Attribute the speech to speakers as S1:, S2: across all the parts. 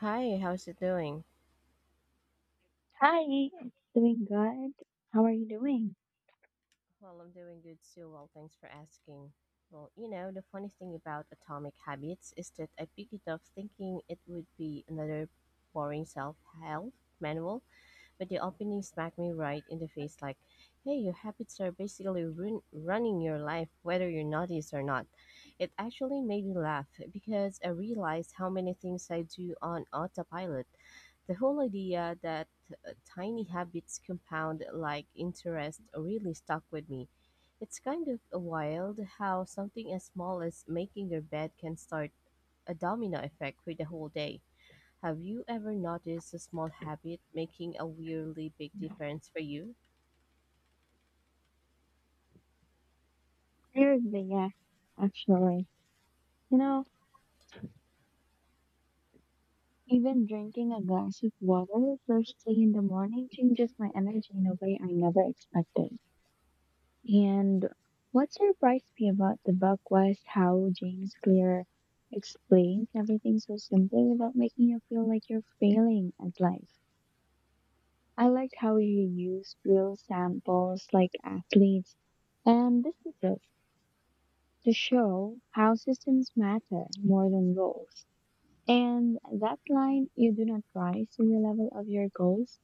S1: Hi, how's it doing?
S2: Hi, it's doing good. How are you doing?
S1: Well, I'm doing good too. Well, thanks for asking. The funny thing about Atomic Habits is that I picked it up thinking it would be another boring self help manual. But the opening smacked me right in the face like, hey, your habits are basically running your life, whether you notice or not. It actually made me laugh because I realized how many things I do on autopilot. The whole idea that tiny habits compound like interest really stuck with me. It's kind of wild how something as small as making your bed can start a domino effect for the whole day. Have you ever noticed a small habit making a weirdly big difference for you?
S2: Seriously, yeah, actually. You know, even drinking a glass of water first thing in the morning changes my energy in a way I never expected. And what surprised me about the book was how James Clear explains everything so simply without making you feel like you're failing at life. I liked how you used real samples like athletes and businesses to show how systems matter more than goals. And that line, "You do not rise to the level of your goals,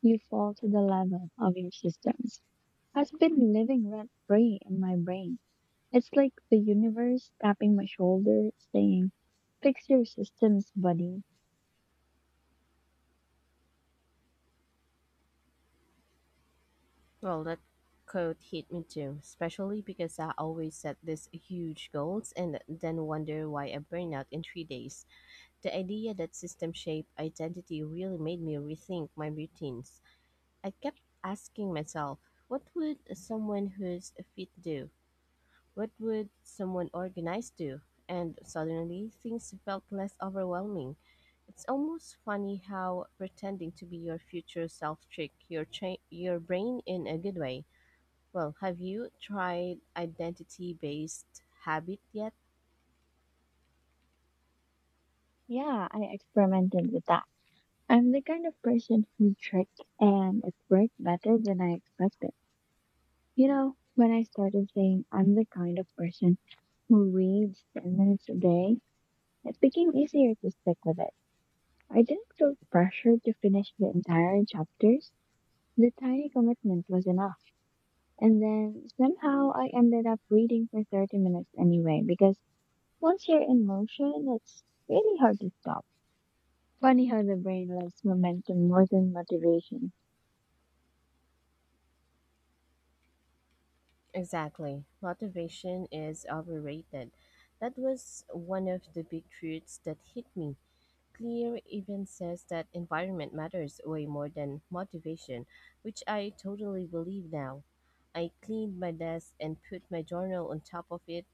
S2: you fall to the level of your systems," has been living rent free in my brain. It's like the universe tapping my shoulder, saying, "Fix your systems, buddy."
S1: Well, that quote hit me too, especially because I always set these huge goals and then wonder why I burn out in 3 days. The idea that system shaped identity really made me rethink my routines. I kept asking myself, what would someone who's fit do? What would someone organized do? And suddenly, things felt less overwhelming. It's almost funny how pretending to be your future self your brain in a good way. Well, have you tried identity based habit yet?
S2: Yeah, I experimented with that. I'm the kind of person who tricked, and it worked better than I expected. You know, when I started saying I'm the kind of person who reads 10 minutes a day, it became easier to stick with it. I didn't feel pressured to finish the entire chapters. The tiny commitment was enough. And then somehow I ended up reading for 30 minutes anyway, because once you're in motion, it's really hard to stop. Funny how the brain loves momentum more than motivation.
S1: Exactly. Motivation is overrated. That was one of the big truths that hit me. Clear even says that environment matters way more than motivation, which I totally believe now. I cleaned my desk and put my journal on top of it,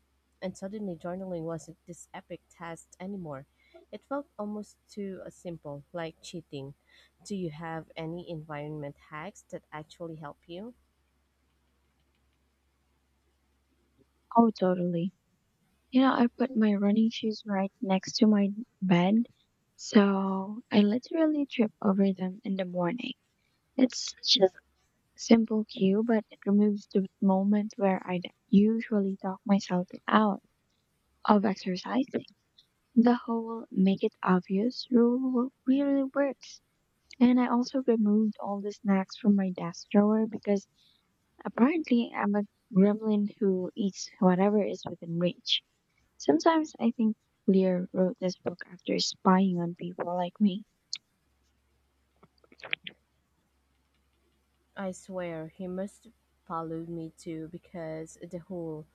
S1: and suddenly journaling wasn't this epic task anymore. It felt almost too simple, like cheating. Do you have any environment hacks that actually help you?
S2: Oh, totally. You know, I put my running shoes right next to my bed, so I literally trip over them in the morning. It's just a simple cue, but it removes the moment where I'd usually talk myself out of exercising. The whole make it obvious rule really works. And I also removed all the snacks from my desk drawer because apparently I'm a gremlin who eats whatever is within reach. Sometimes I think Lear wrote this book after spying on people like me.
S1: I swear he must follow me too because the whole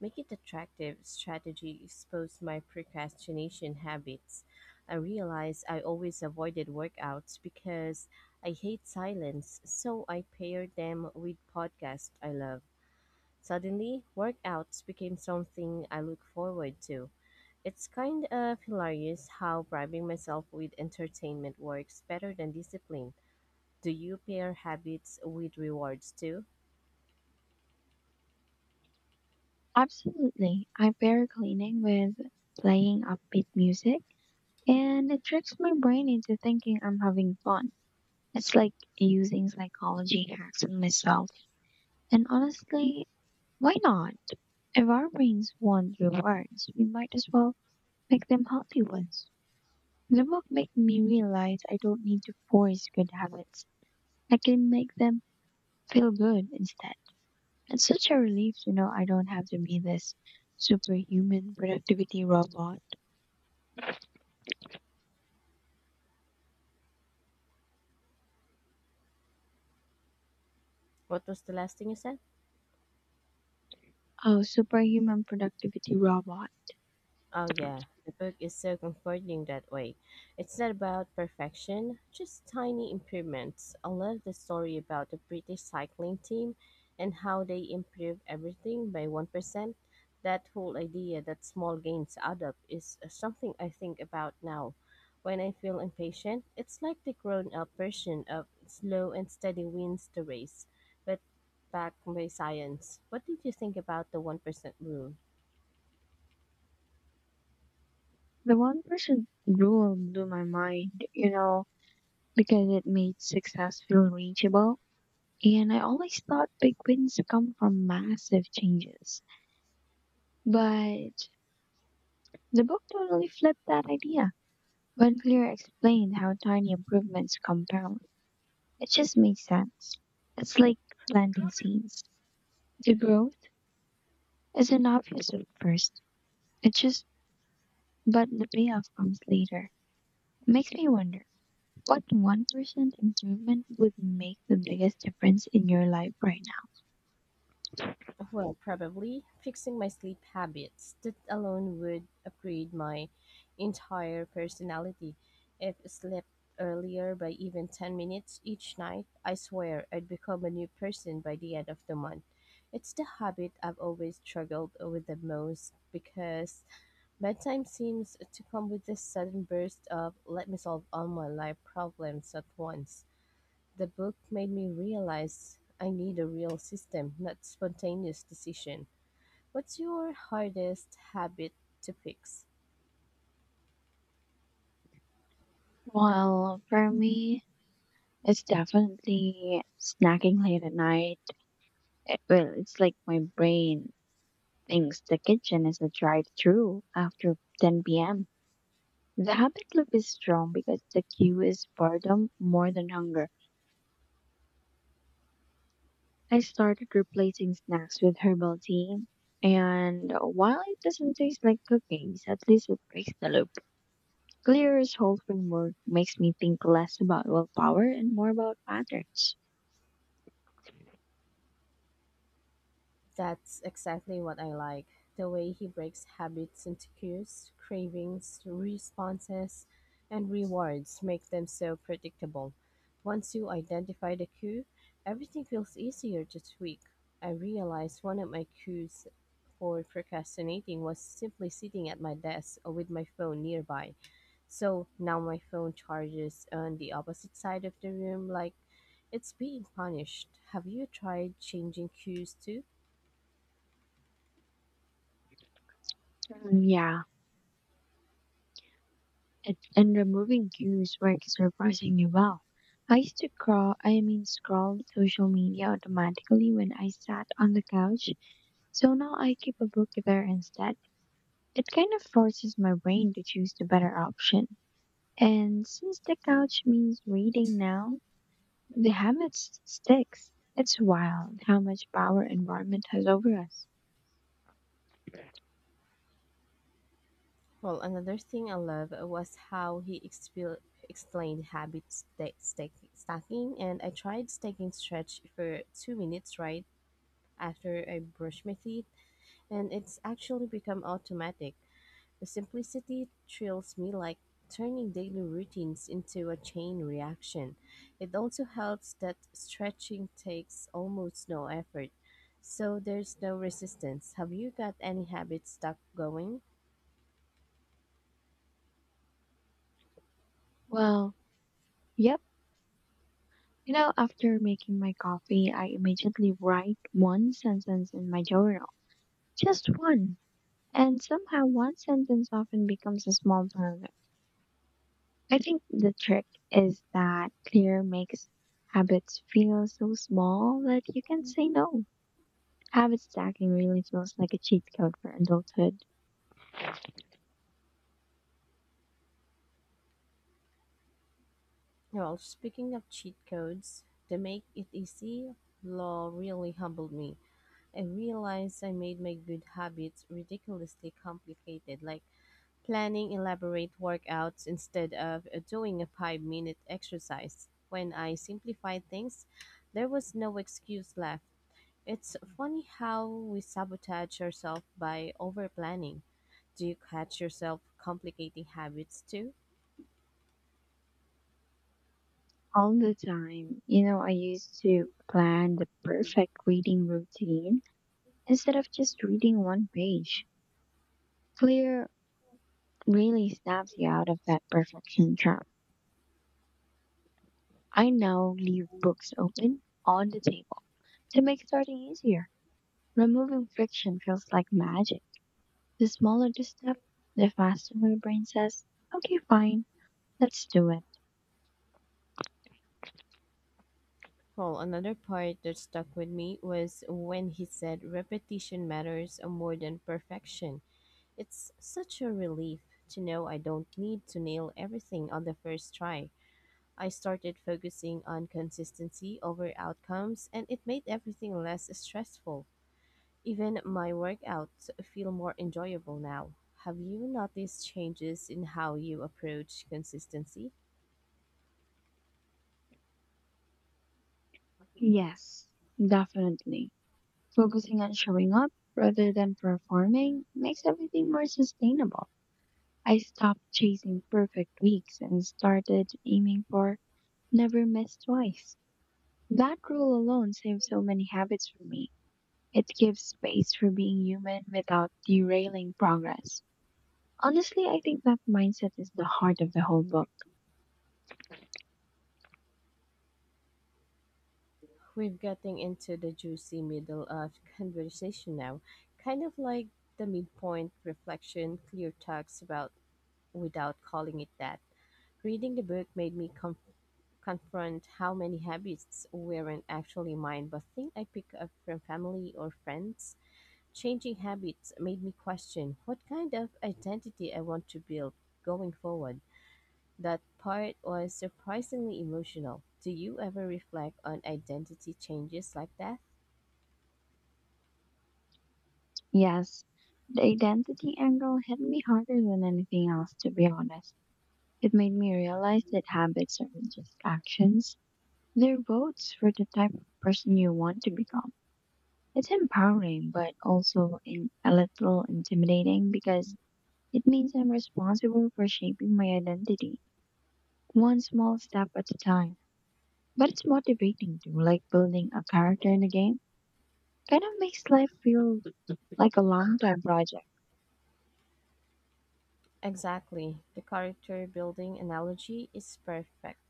S1: make it attractive strategy exposed my procrastination habits. I realized I always avoided workouts because I hate silence, so I paired them with podcasts I love. Suddenly, workouts became something I look forward to. It's kind of hilarious how bribing myself with entertainment works better than discipline. Do you pair habits with rewards too?
S2: Absolutely. I pair cleaning with playing upbeat music, and it tricks my brain into thinking I'm having fun. It's like using psychology hacks on myself. And honestly, why not? If our brains want rewards, we might as well make them healthy ones. The book made me realize I don't need to force good habits. I can make them feel good instead. It's such a relief to know I don't have to be this superhuman productivity robot.
S1: What was the last thing you said?
S2: Oh, superhuman productivity robot.
S1: Oh, yeah. The book is so comforting that way. It's not about perfection, just tiny improvements. I love the story about the British cycling team and how they improved everything by 1%. That whole idea that small gains add up is something I think about now. When I feel impatient, it's like the grown up version of slow and steady wins the race, but backed by science. What did you think about the 1% rule?
S2: The one person rule blew my mind, you know, because it made success feel reachable. And I always thought big wins come from massive changes. But the book totally flipped that idea. When Clear explained how tiny improvements compound, it just made sense. It's like planting seeds. The growth is an obvious at first. It's just, but the payoff comes later. It makes me wonder what 1% improvement would make the biggest difference in your life right now.
S1: Well, probably fixing my sleep habits. That alone would upgrade my entire personality. If I slept earlier by even 10 minutes each night, I swear I'd become a new person by the end of the month. It's the habit I've always struggled with the most because bedtime seems to come with this sudden burst of let me solve all my life problems at once. The book made me realize I need a real system, not spontaneous decision. What's your hardest habit to fix?
S2: Well, for me, it's definitely snacking late at night. It, well, it's like my brain thinks the kitchen is a drive-through after 10 p.m. The habit loop is strong because the cue is boredom more than hunger. I started replacing snacks with herbal tea, and while it doesn't taste like cookies, at least it breaks the loop. Clear's whole framework makes me think less about willpower and more about patterns.
S1: That's exactly what I like. The way he breaks habits into cues, cravings, responses, and rewards make them so predictable. Once you identify the cue, everything feels easier to tweak. I realized one of my cues for procrastinating was simply sitting at my desk or with my phone nearby. So now my phone charges on the opposite side of the room like it's being punished. Have you tried changing cues too?
S2: Yeah, it, and removing cues works surprisingly well. I used to crawl, I mean, scroll social media automatically when I sat on the couch, so now I keep a book there instead. It kind of forces my brain to choose the better option. And since the couch means reading now, sticks. It's wild how much power environment has over us.
S1: Well, another thing I love was how he explained habit stacking, and I tried stacking stretch for 2 minutes right after I brush my teeth, and it's actually become automatic. The simplicity thrills me like turning daily routines into a chain reaction. It also helps that stretching takes almost no effort, so there's no resistance. Have you got any habits stuck going?
S2: Well, yep. You know, after making my coffee, I immediately write one sentence in my journal. Just one. And somehow one sentence often becomes a small paragraph. I think the trick is that clear makes habits feel so small that you can say no. Habit stacking really feels like a cheat code for adulthood.
S1: Well, speaking of cheat codes, to make it easy, law really humbled me. I realized I made my good habits ridiculously complicated, like planning elaborate workouts instead of doing a 5 minute exercise. When I simplified things, there was no excuse left. It's funny how we sabotage ourselves by over planning. Do you catch yourself complicating habits too?
S2: All the time. You know, I used to plan the perfect reading routine instead of just reading one page. Clear really snaps you out of that perfection trap. I now leave books open on the table to make starting easier. Removing friction feels like magic. The smaller the step, the faster my brain says, "Okay, fine, let's do it."
S1: Well, another part that stuck with me was when he said repetition matters more than perfection. It's such a relief to know I don't need to nail everything on the first try. I started focusing on consistency over outcomes, and it made everything less stressful. Even my workouts feel more enjoyable now. Have you noticed changes in how you approach consistency?
S2: Yes, definitely. Focusing on showing up rather than performing makes everything more sustainable. I stopped chasing perfect weeks and started aiming for never miss twice. That rule alone saved so many habits for me. It gives space for being human without derailing progress. Honestly, I think that mindset is the heart of the whole book.
S1: We're getting into the juicy middle of conversation now, kind of like the midpoint reflection Clear talks about without calling it that. Reading the book made me comfortable confront how many habits weren't actually mine but think I picked up from family or friends. Changing habits made me question what kind of identity I want to build going forward. That part was surprisingly emotional. Do you ever reflect on identity changes like that?
S2: Yes, the identity angle hit me harder than anything else, to be honest. It made me realize that habits aren't just actions. Their votes for the type of person you want to become. It's empowering, but also in a little intimidating because it means I'm responsible for shaping my identity, one small step at a time. But it's motivating too, like building a character in a game. Kind of makes life feel like a long time project.
S1: Exactly. The character building analogy is perfect.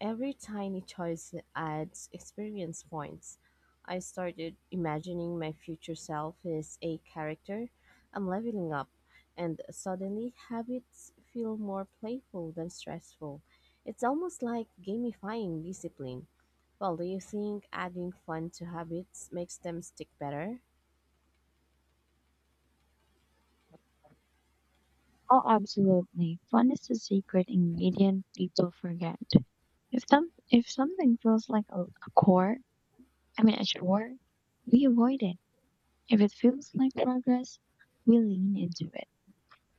S1: Every tiny choice adds experience points. I started imagining my future self as a character I'm leveling up, and suddenly habits feel more playful than stressful. It's almost like gamifying discipline. Well, do you think adding fun to habits makes them stick better?
S2: Oh, absolutely. Fun is the secret ingredient people forget. If something feels like a chore, I mean a chore, we avoid it. If it feels like progress, we lean into it.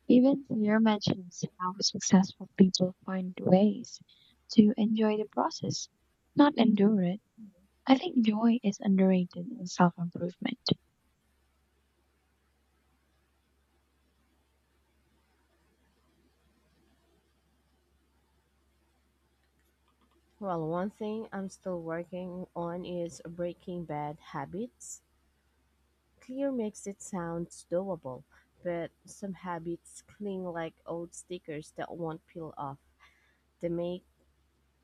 S2: Even Claire mentions how successful people find ways to enjoy the process, not endure it. I think joy is underrated in self improvement.
S1: Well, one thing I'm still working on is breaking bad habits. Clear makes it sound doable, but some habits cling like old stickers that won't peel off. They make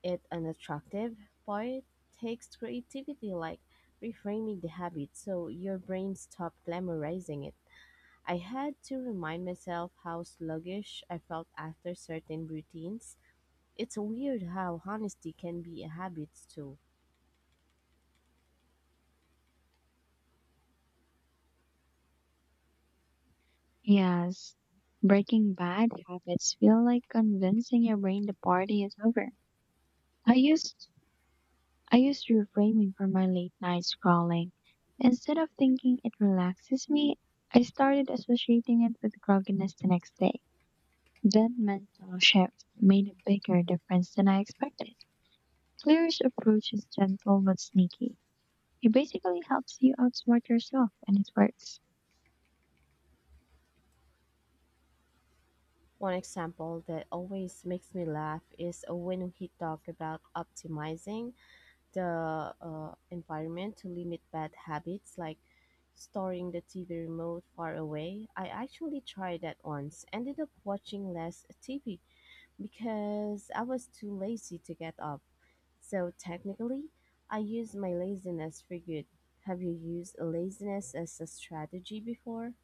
S1: it unattractive, but it takes creativity like reframing the habit so your brain stops glamorizing it. I had to remind myself how sluggish I felt after certain routines. It's weird how honesty can be a habit too.
S2: Yes, breaking bad habits feel like convincing your brain the party is over. I used I used reframing for my late night scrolling. Instead of thinking it relaxes me, I started associating it with grogginess the next day. That mental shift made a bigger difference than I expected. Clear's approach is gentle but sneaky. It basically helps you outsmart yourself, and it works.
S1: One example that always makes me laugh is when we talk about optimizing the environment to limit bad habits like storing the TV remote far away. I actually tried that once, ended up watching less TV because I was too lazy to get up. So technically, I used my laziness for good. Have you used laziness as a strategy before?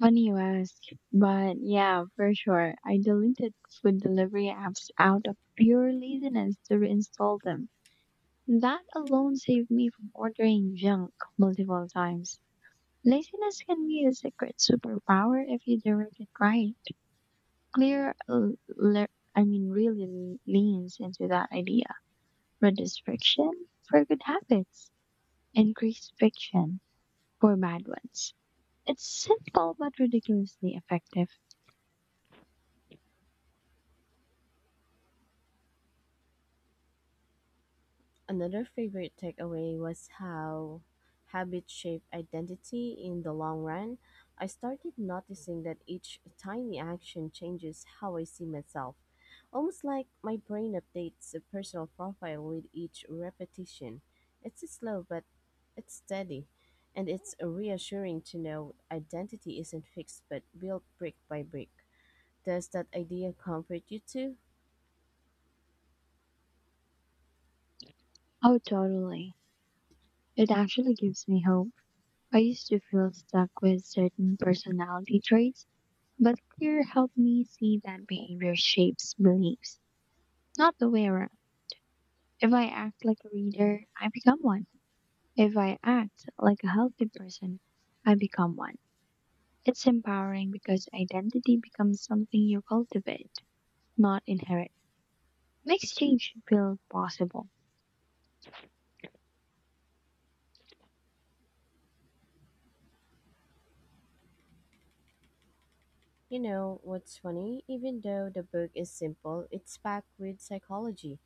S2: Funny you ask, but yeah, for sure. I deleted food delivery apps out of pure laziness to reinstall them. That alone saved me from ordering junk multiple times. Laziness can be a secret superpower if you direct it right. Clear, l- le- really leans into that idea. Reduce friction for good habits, increase friction for bad ones. It's simple but ridiculously effective.
S1: Another favorite takeaway was how habits shape identity in the long run. I started noticing that each tiny action changes how I see myself, almost like my brain updates the personal profile with each repetition. It's slow, but it's steady, and it's reassuring to know identity isn't fixed but built brick by brick. Does that idea comfort you too?
S2: Oh, totally. It actually gives me hope. I used to feel stuck with certain personality traits, but Clear helped me see that behavior shapes beliefs, not the way around. If I act like a reader, I become one. If I act like a healthy person, I become one. It's empowering because identity becomes something you cultivate, not inherit. Makes change feel possible.
S1: You know what's funny? Even though the book is simple, it's packed with psychology,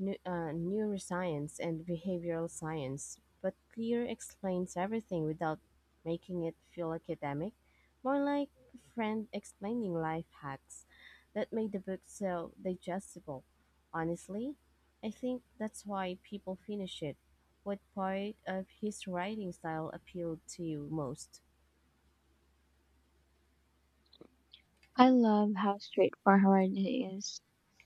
S1: neuroscience, and behavioral science. But Clear explains everything without making it feel academic, more like a friend explaining life hacks that made the book so digestible. Honestly, I think that's why people finish it. What part of his writing style appealed to you most?
S2: I love how straightforward it is.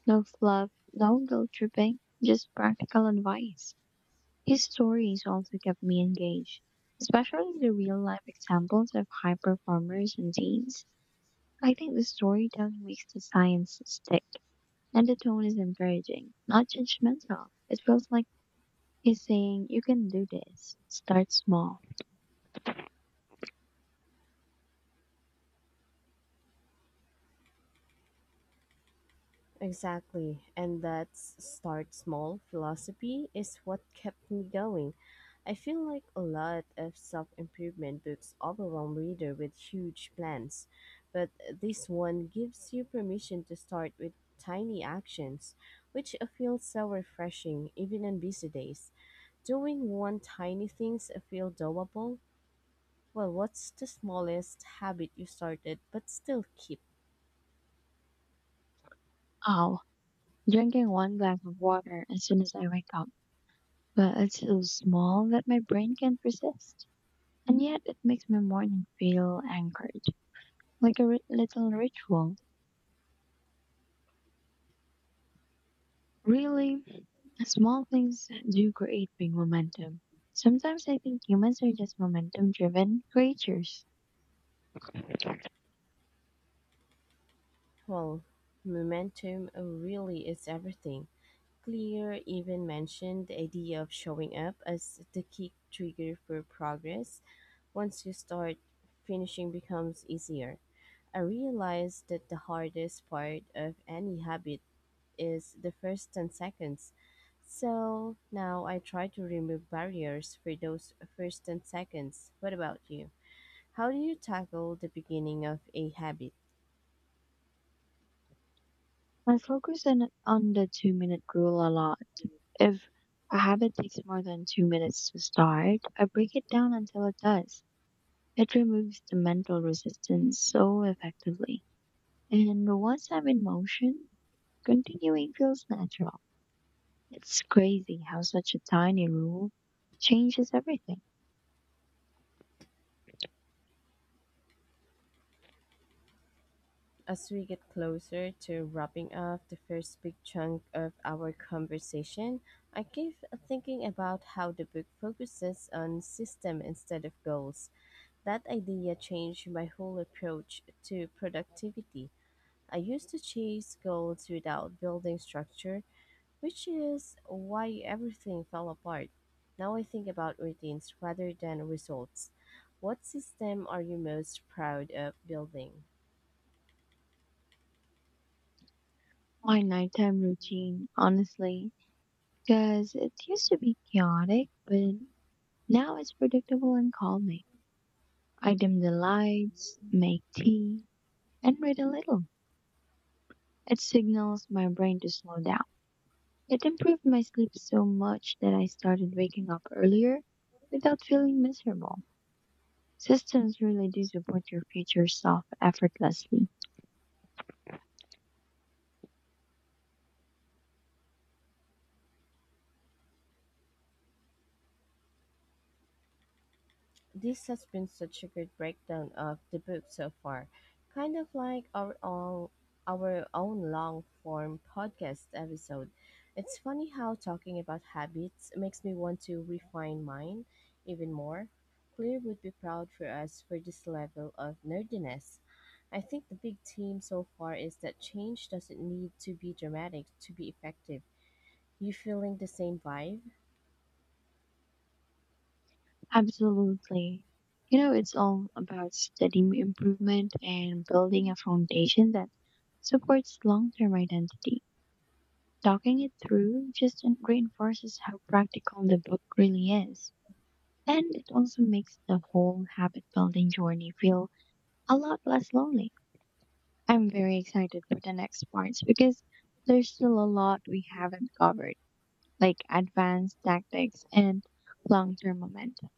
S2: No fluff, no guilt tripping, just practical advice. His stories also kept me engaged, especially the real life examples of high performers and teens. I think the storytelling makes the science stick. And the tone is encouraging, not judgmental. It feels like he's saying, "You can do this. Start small."
S1: Exactly. And that start small philosophy is what kept me going. I feel like a lot of self improvement books overwhelm reader with huge plans, but this one gives you permission to start with tiny actions, which feels so refreshing even on busy days. Doing one tiny things feel doable. Well, what's the smallest habit you started but still keep?
S2: Oh, drinking one glass of water as soon as I wake up. But it's so small that my brain can't resist. And yet it makes my morning feel anchored, like little ritual. Really, small things do create big momentum. Sometimes I think humans are just momentum driven creatures.
S1: Well, momentum really is everything. Clear even mentioned the idea of showing up as the key trigger for progress. Once you start, finishing becomes easier. I realized that the hardest part of any habit is the first 10 seconds. So now I try to remove barriers for those first 10 seconds. What about you? How do you tackle the beginning of a habit?
S2: I focus in on the 2 minute rule a lot. If a habit takes more than 2 minutes to start, I break it down until it does. It removes the mental resistance so effectively. And once I'm in motion, continuing feels natural. It's crazy how such a tiny rule changes everything.
S1: As we get closer to wrapping up the first big chunk of our conversation, I keep thinking about how the book focuses on system instead of goals. That idea changed my whole approach to productivity. I used to chase goals without building structure, which is why everything fell apart. Now I think about routines rather than results. What system are you most proud of building?
S2: My nighttime routine, honestly, because it used to be chaotic, but now it's predictable and calming. I dim the lights, make tea, and read a little. It signals my brain to slow down. It improved my sleep so much that I started waking up earlier without feeling miserable. Systems really do support your future self effortlessly.
S1: This has been such a good breakdown of the book so far. Kind of like our own long form podcast episode. It's funny how talking about habits makes me want to refine mine even more. Claire would be proud for us for this level of nerdiness. I think the big theme so far is that change doesn't need to be dramatic to be effective. You feeling the same vibe?
S2: Absolutely. You know, it's all about steady improvement and building a foundation that supports long term identity. Talking it through just reinforces how practical the book really is. And it also makes the whole habit building journey feel a lot less lonely. I'm very excited for the next parts because there's still a lot we haven't covered, like advanced tactics and long term momentum.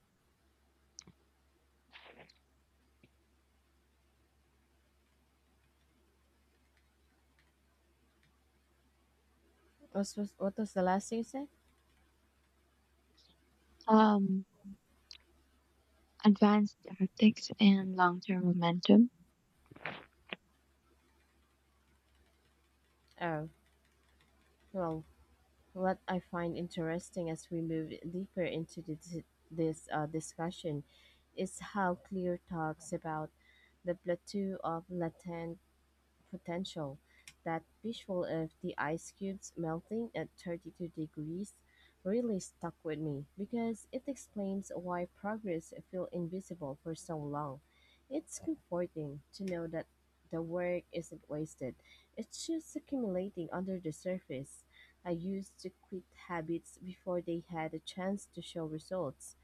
S1: What was the last thing you said?
S2: Um, Advanced tactics and long-term momentum.
S1: Oh, well, what I find interesting as we move deeper into this discussion is how Clear talks about the plateau of latent potential. That visual of the ice cubes melting at 32 degrees really stuck with me because it explains why progress felt invisible for so long. It's comforting to know that the work isn't wasted. It's just accumulating under the surface. I used to quit habits before they had a chance to show results.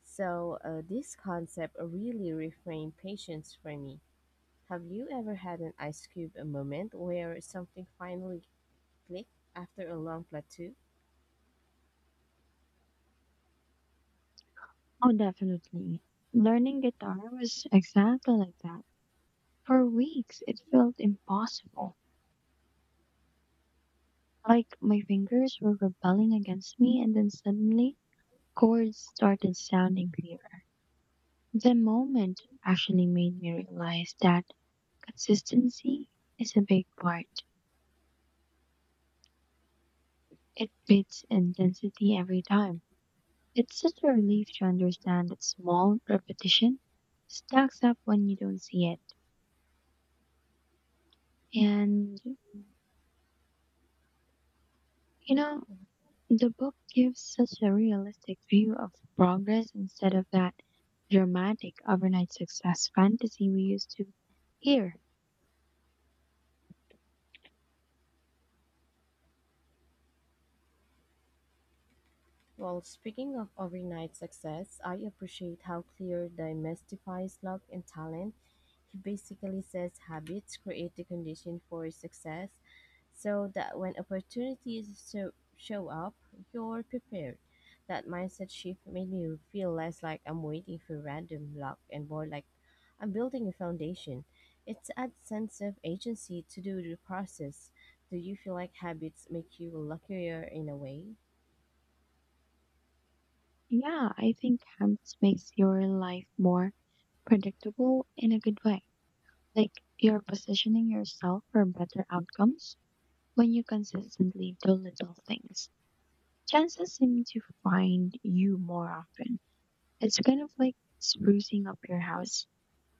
S1: So, this concept really reframed patience for me. Have you ever had an Ice Cube a moment where something finally clicked after a long plateau?
S2: Oh, definitely. Learning guitar was exactly like that. For weeks, it felt impossible. Like my fingers were rebelling against me, and then suddenly, chords started sounding clearer. The moment actually made me realize that consistency is a big part. It beats intensity every time. It's such a relief to understand that small repetition stacks up when you don't see it. And, you know, the book gives such a realistic view of progress instead of that dramatic overnight success fantasy we used to hear.
S1: Well, speaking of overnight success, I appreciate how clear demystifies luck and talent. He basically says habits create the condition for success so that when opportunities so show up, you're prepared. That mindset shift made me feel less like I'm waiting for random luck and more like I'm building a foundation. It's adds sense of agency to do the process. Do you feel like habits make you luckier in a way?
S2: Yeah, I think Hamps makes your life more predictable in a good way. Like, you're positioning yourself for better outcomes when you consistently do little things. Chances seem to find you more often. It's kind of like sprucing up your house.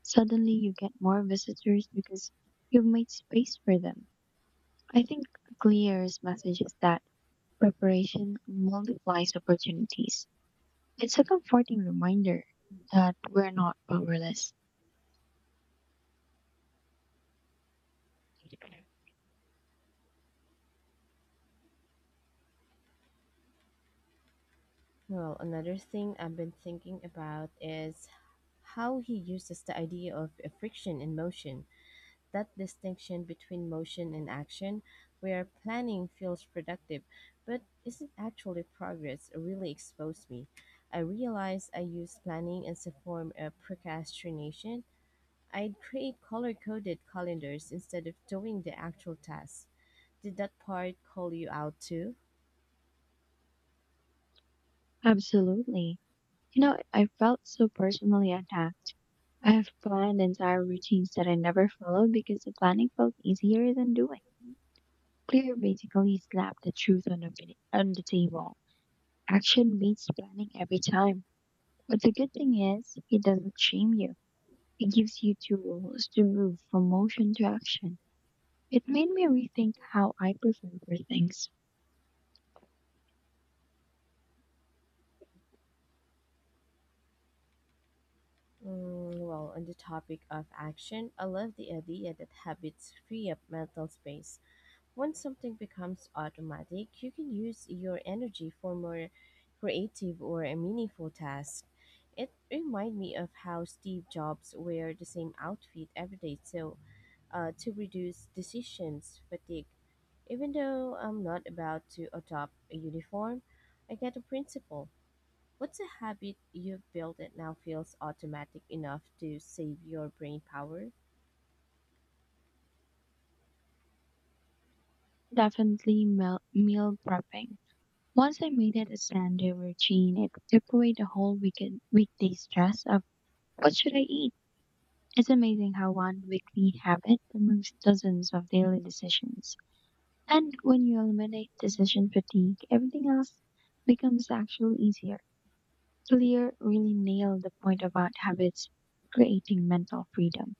S2: Suddenly you get more visitors because you've made space for them. I think Clear's message is that preparation multiplies opportunities. It's a comforting reminder that we're not powerless.
S1: Well, another thing I've been thinking about is how he uses the idea of friction in motion, that distinction between motion and action, where planning feels productive, but isn't actually progress, really exposed me. I realized I used planning as a form of procrastination. I'd create color coded calendars instead of doing the actual tasks. Did that part call you out too?
S2: Absolutely. You know, I felt so personally attacked. I have planned entire routines that I never followed because the planning felt easier than doing. Clear basically slapped the truth on, on the table. Action beats planning every time. But the good thing is, it doesn't shame you. It gives you tools to move from motion to action. It made me rethink how I prepare for things.
S1: Mm, well, on the topic of action, I love the idea that habits free up mental space. Once something becomes automatic, you can use your energy for more creative or a meaningful task. It reminds me of how Steve Jobs wear the same outfit every day so to reduce decisions fatigue. Even though I'm not about to adopt a uniform, I get the principle. What's a habit you've built that now feels automatic enough to save your brain power?
S2: Definitely meal prepping. Once I made it a Sunday routine, it took away the whole weekend weekday stress of what should I eat. It's amazing how one weekly habit removes dozens of daily decisions. And when you eliminate decision fatigue, everything else becomes actually easier. Clear really nailed the point about habits creating mental freedom.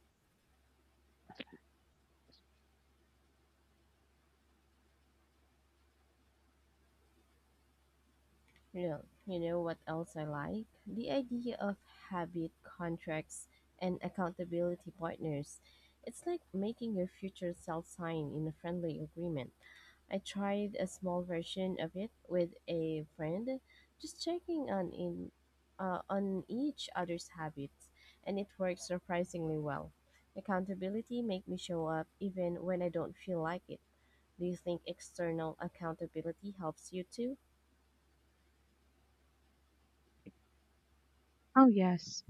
S1: No, you know what else I like? The idea of habit contracts and accountability partners. It's like making your future self sign in a friendly agreement. I tried a small version of it with a friend, just checking on in on each other's habits, and it worked surprisingly well. Accountability make me show up even when I don't feel like it. Do you think external accountability helps you too?
S2: Oh, yes,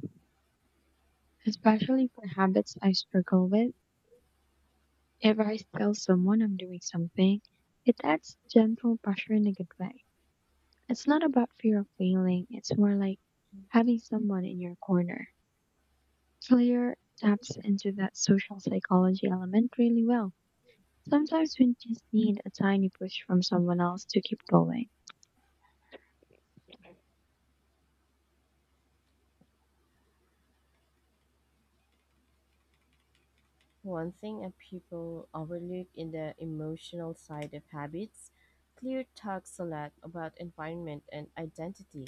S2: especially for habits I struggle with. If I tell someone I'm doing something, it adds gentle pressure in a good way. It's not about fear of failing, it's more like having someone in your corner. Clear taps into that social psychology element really well. Sometimes we just need a tiny push from someone else to keep going.
S1: One thing that people overlook in the emotional side of habits, Clear talks a lot about environment and identity,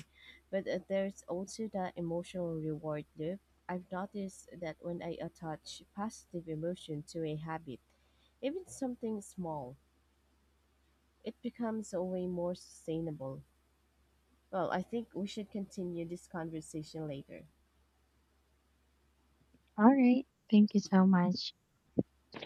S1: but there's also the emotional reward loop. I've noticed that when I attach positive emotion to a habit, even something small, it becomes a way more sustainable. Well, I think we should continue this conversation later.
S2: All right. Thank you so much.